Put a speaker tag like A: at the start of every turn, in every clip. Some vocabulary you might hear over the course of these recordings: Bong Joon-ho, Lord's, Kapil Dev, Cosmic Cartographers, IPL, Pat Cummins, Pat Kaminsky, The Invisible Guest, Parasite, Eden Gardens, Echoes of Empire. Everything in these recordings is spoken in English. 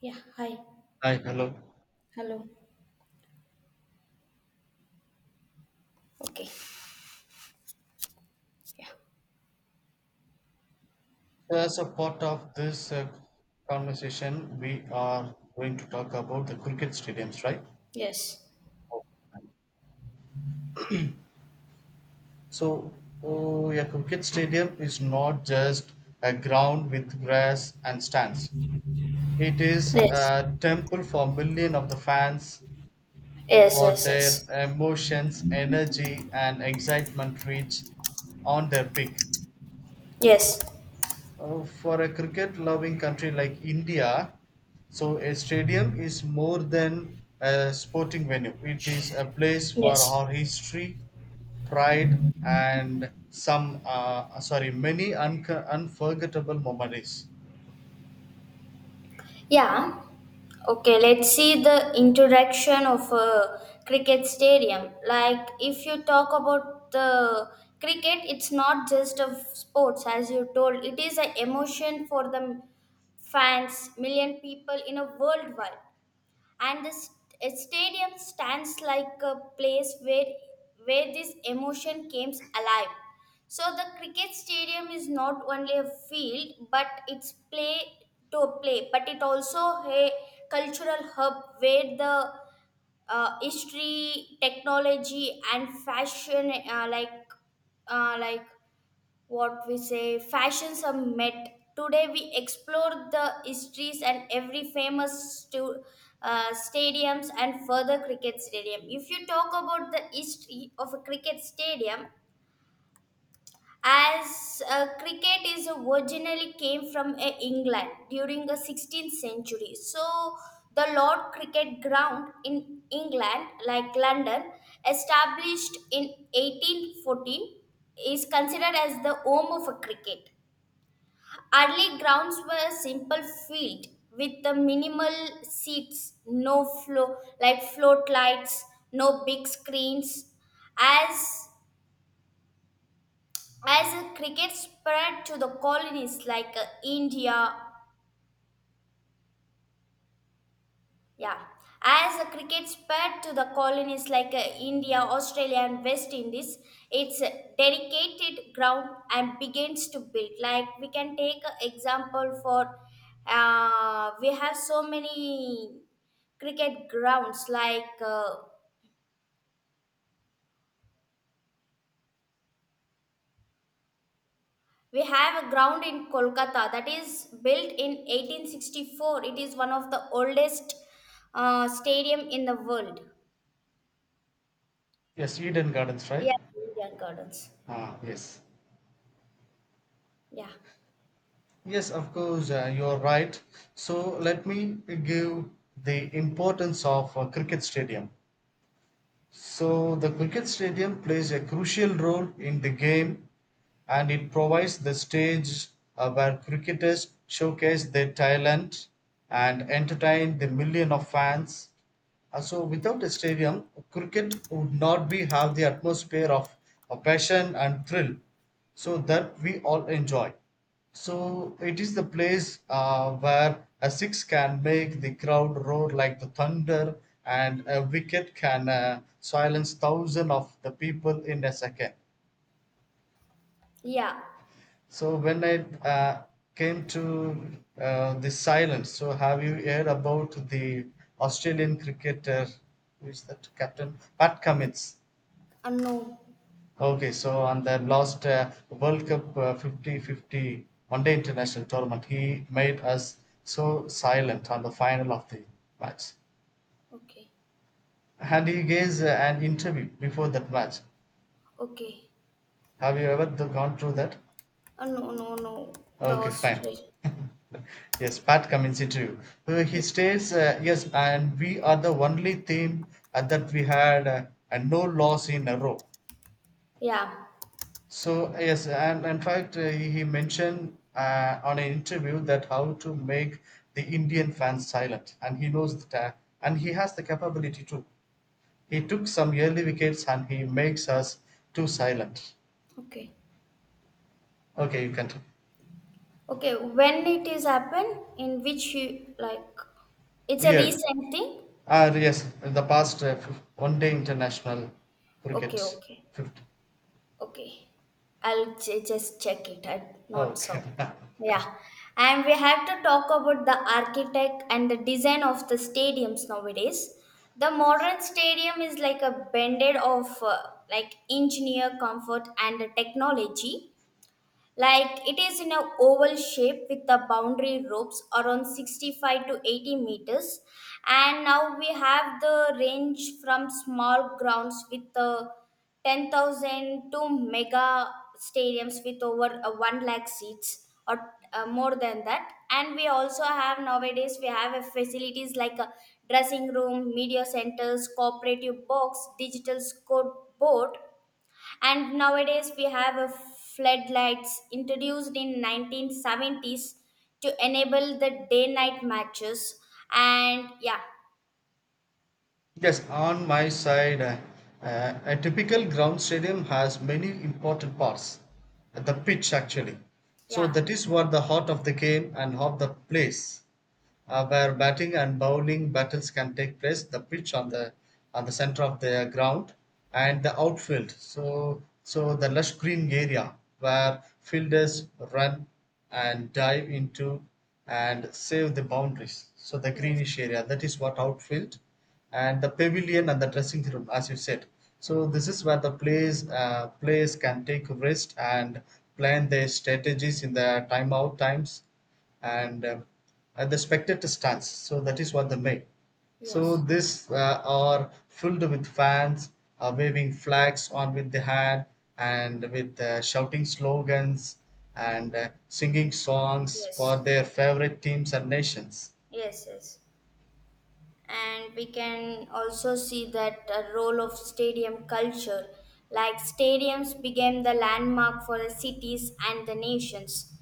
A: Yeah, hi.
B: Hi, hello.
A: Hello. Okay. Yeah.
B: As a part of this conversation, we are going to talk about the cricket stadiums, right?
A: Yes.
B: So, oh, a cricket stadium is not just a ground with grass and stands. It is
A: Yes.
B: a temple for millions of the fans,
A: Yes,
B: for
A: yes,
B: their
A: yes.
B: emotions, energy, and excitement reach on their peak.
A: Yes.
B: For a cricket loving country like India, so a stadium is more than a sporting venue. It is a place for
A: Yes.
B: our history, pride, and many unforgettable memories.
A: Yeah. Okay, let's see the introduction of a cricket stadium. Like if you talk about the cricket, it's not just of sports as you told. It is an emotion for the fans, million people in a worldwide. And the stadium stands like a place where this emotion comes alive. So the cricket stadium is not only a field but it's play to play, but it also a cultural hub where the history, technology and fashion, uh, like what we say, fashion summit. Today we explore the histories and every famous stu- stadiums. And further cricket stadium, if you talk about the history of a cricket stadium, as cricket is originally came from england during the 16th century. So the lord cricket ground in england like london established in 1814 is considered as the home of a cricket. Early grounds were simple field with the minimal seats, no flow like float lights, no big screens. As as cricket spread to the colonies like India. Yeah, as a cricket spread to the colonies like India, Australia, and West Indies, it's a dedicated ground and begins to build. Like we can take an example for, we have so many cricket grounds. Like we have a ground in Kolkata that is built in 1864. It is one of the oldest stadium in the world.
B: Yes, Eden Gardens, right?
A: Yeah, Indian Gardens.
B: Ah, yes.
A: Yeah,
B: You're right. So let me give the importance of a cricket stadium. So the cricket stadium plays a crucial role in the game, and it provides the stage where cricketers showcase their talent and entertain the million of fans. So without a stadium, cricket would not be have the atmosphere of passion and thrill, so that we all enjoy. So it is the place where a six can make the crowd roar like the thunder, and a wicket can silence thousands of the people in a second.
A: yeah.
B: So when I uh, came to the silence, so have you heard about the Australian cricketer, who is that captain? Pat Cummins.
A: No.
B: Okay, so on the last World Cup 50-50 One Day International Tournament, he made us so silent on the final of the match.
A: Okay,
B: And he gave an interview before that match.
A: okay.
B: Have you ever gone through that?
A: Oh, no, no, no. The
B: Okay, fine.
A: ostrich.
B: Yes, Pat Kaminsky too. He states, yes, and we are the only team that we had and no loss in a row.
A: Yeah.
B: So yes, and in fact, he mentioned on an interview that how to make the Indian fans silent, and he knows that, and he has the capability too. He took some early wickets, and he makes us too silent.
A: Okay.
B: Okay, you can
A: Okay. When it is happened, in which you like, it's a
B: here.
A: recent thing.
B: Ah, yes, in the past one day international
A: Okay,
B: cricket.
A: okay,
B: Fifth.
A: okay. I'll just check it. I not
B: Okay.
A: so. Yeah, and we have to talk about the architect and the design of the stadiums nowadays. The modern stadium is like a blended of like engineer comfort and the technology. Like it is in a oval shape with the boundary ropes around 65 to 80 meters. And now we have the range from small grounds with the 10,000 to mega stadiums with over 1 lakh seats or more than that. And we also have nowadays we have a facilities like a dressing room, media centers, cooperative box, digital scoreboard, and nowadays we have a floodlights introduced in 1970s to enable the day night matches. And yeah.
B: Yes, on my side, a typical ground stadium has many important parts. The pitch, actually. So
A: Yeah.
B: that is what the heart of the game and of the place. Where batting and bowling battles can take place. The pitch on the center of the ground and the outfield. So the lush green area where fielders run and dive into and save the boundaries. So the
A: Yes.
B: greenish area, that is what outfield, and the pavilion and the dressing room as you said. So this is where the players can take rest and plan their strategies in the timeout times, and at the spectator stands. So that is what they make. So
A: Yes.
B: this are filled with fans, waving flags on with the hand, and with shouting slogans, and singing songs for
A: Yes.
B: their favorite teams and nations.
A: Yes. Yes. And we can also see that a role of stadium culture, like stadiums became the landmark for the cities and the nations.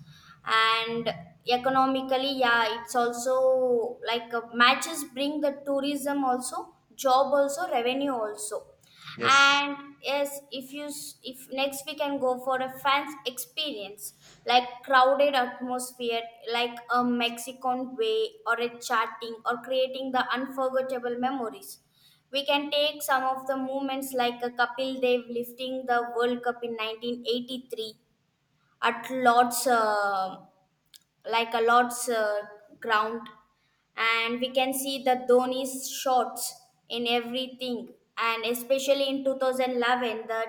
A: And economically, yeah, it's also like, matches bring the tourism also, job also, revenue also.
B: Yes,
A: And yes, if you if next we can go for a fans experience, like crowded atmosphere, like a mexican way or a chatting or creating the unforgettable memories. We can take some of the moments like a Kapil Dev lifting the World Cup in 1983 at Lord's. Like a lord's ground. And we can see the dhoni's shots in everything, and especially in 2011 the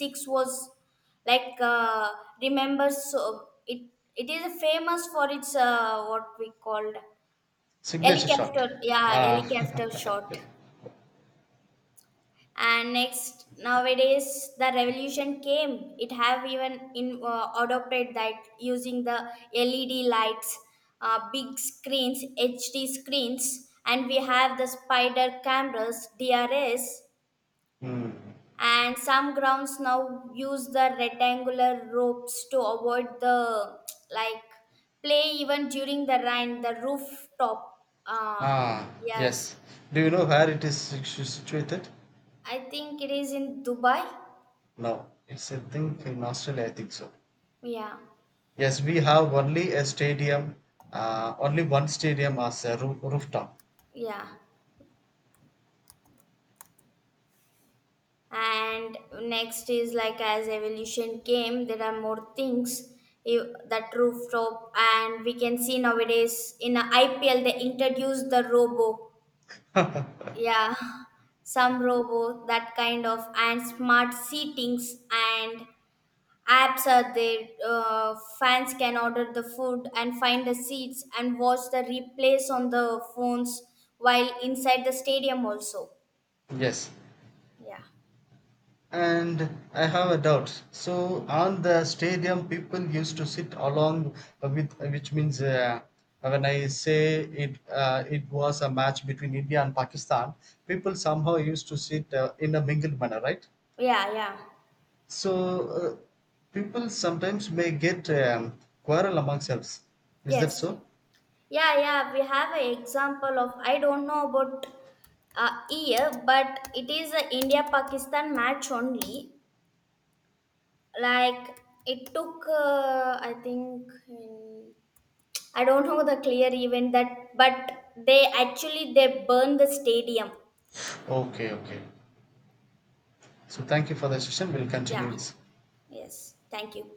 A: six was like, remember. So it it is famous for its what we called
B: signature shot.
A: helicopter, yeah, helicopter
B: Ah,
A: shot. And next nowadays the revolution came, it have even in adopted that using the led lights, big screens, hd screens. And we have the spider cameras, drs,
B: mm.
A: and some grounds now use the rectangular ropes to avoid the, like, play even during the rain, the rooftop
B: Ah, yes.
A: yes.
B: Do you know where it is situated?
A: I think it is in dubai.
B: No, it's a thing in Australia, I think so.
A: Yeah,
B: Yes, we have only a stadium, only one stadium as a rooftop.
A: yeah. And next is like as evolution came there are more things, that rooftop. And we can see nowadays in a ipl they introduced the robo. Yeah, some robo, that kind of, and smart seatings. And apps are there, fans can order the food and find the seats and watch the replays on the phones while inside the stadium also.
B: Yes.
A: Yeah.
B: And I have a doubt. So on the stadium, people used to sit along with, which means when I say it, it was a match between India and Pakistan. People somehow used to sit in a mingled manner, right?
A: Yeah. Yeah.
B: So uh, People sometimes may get quarrel among themselves. Is that
A: Yes.
B: so?
A: Yeah, yeah, we have an example of, I don't know about year, but it is a India Pakistan match only. Like it took, I think, in, I don't know the clear event that, but they actually they burned the stadium.
B: Okay, okay. So thank you for the session. We'll
A: Yeah.
B: continue this.
A: Yes. Thank you.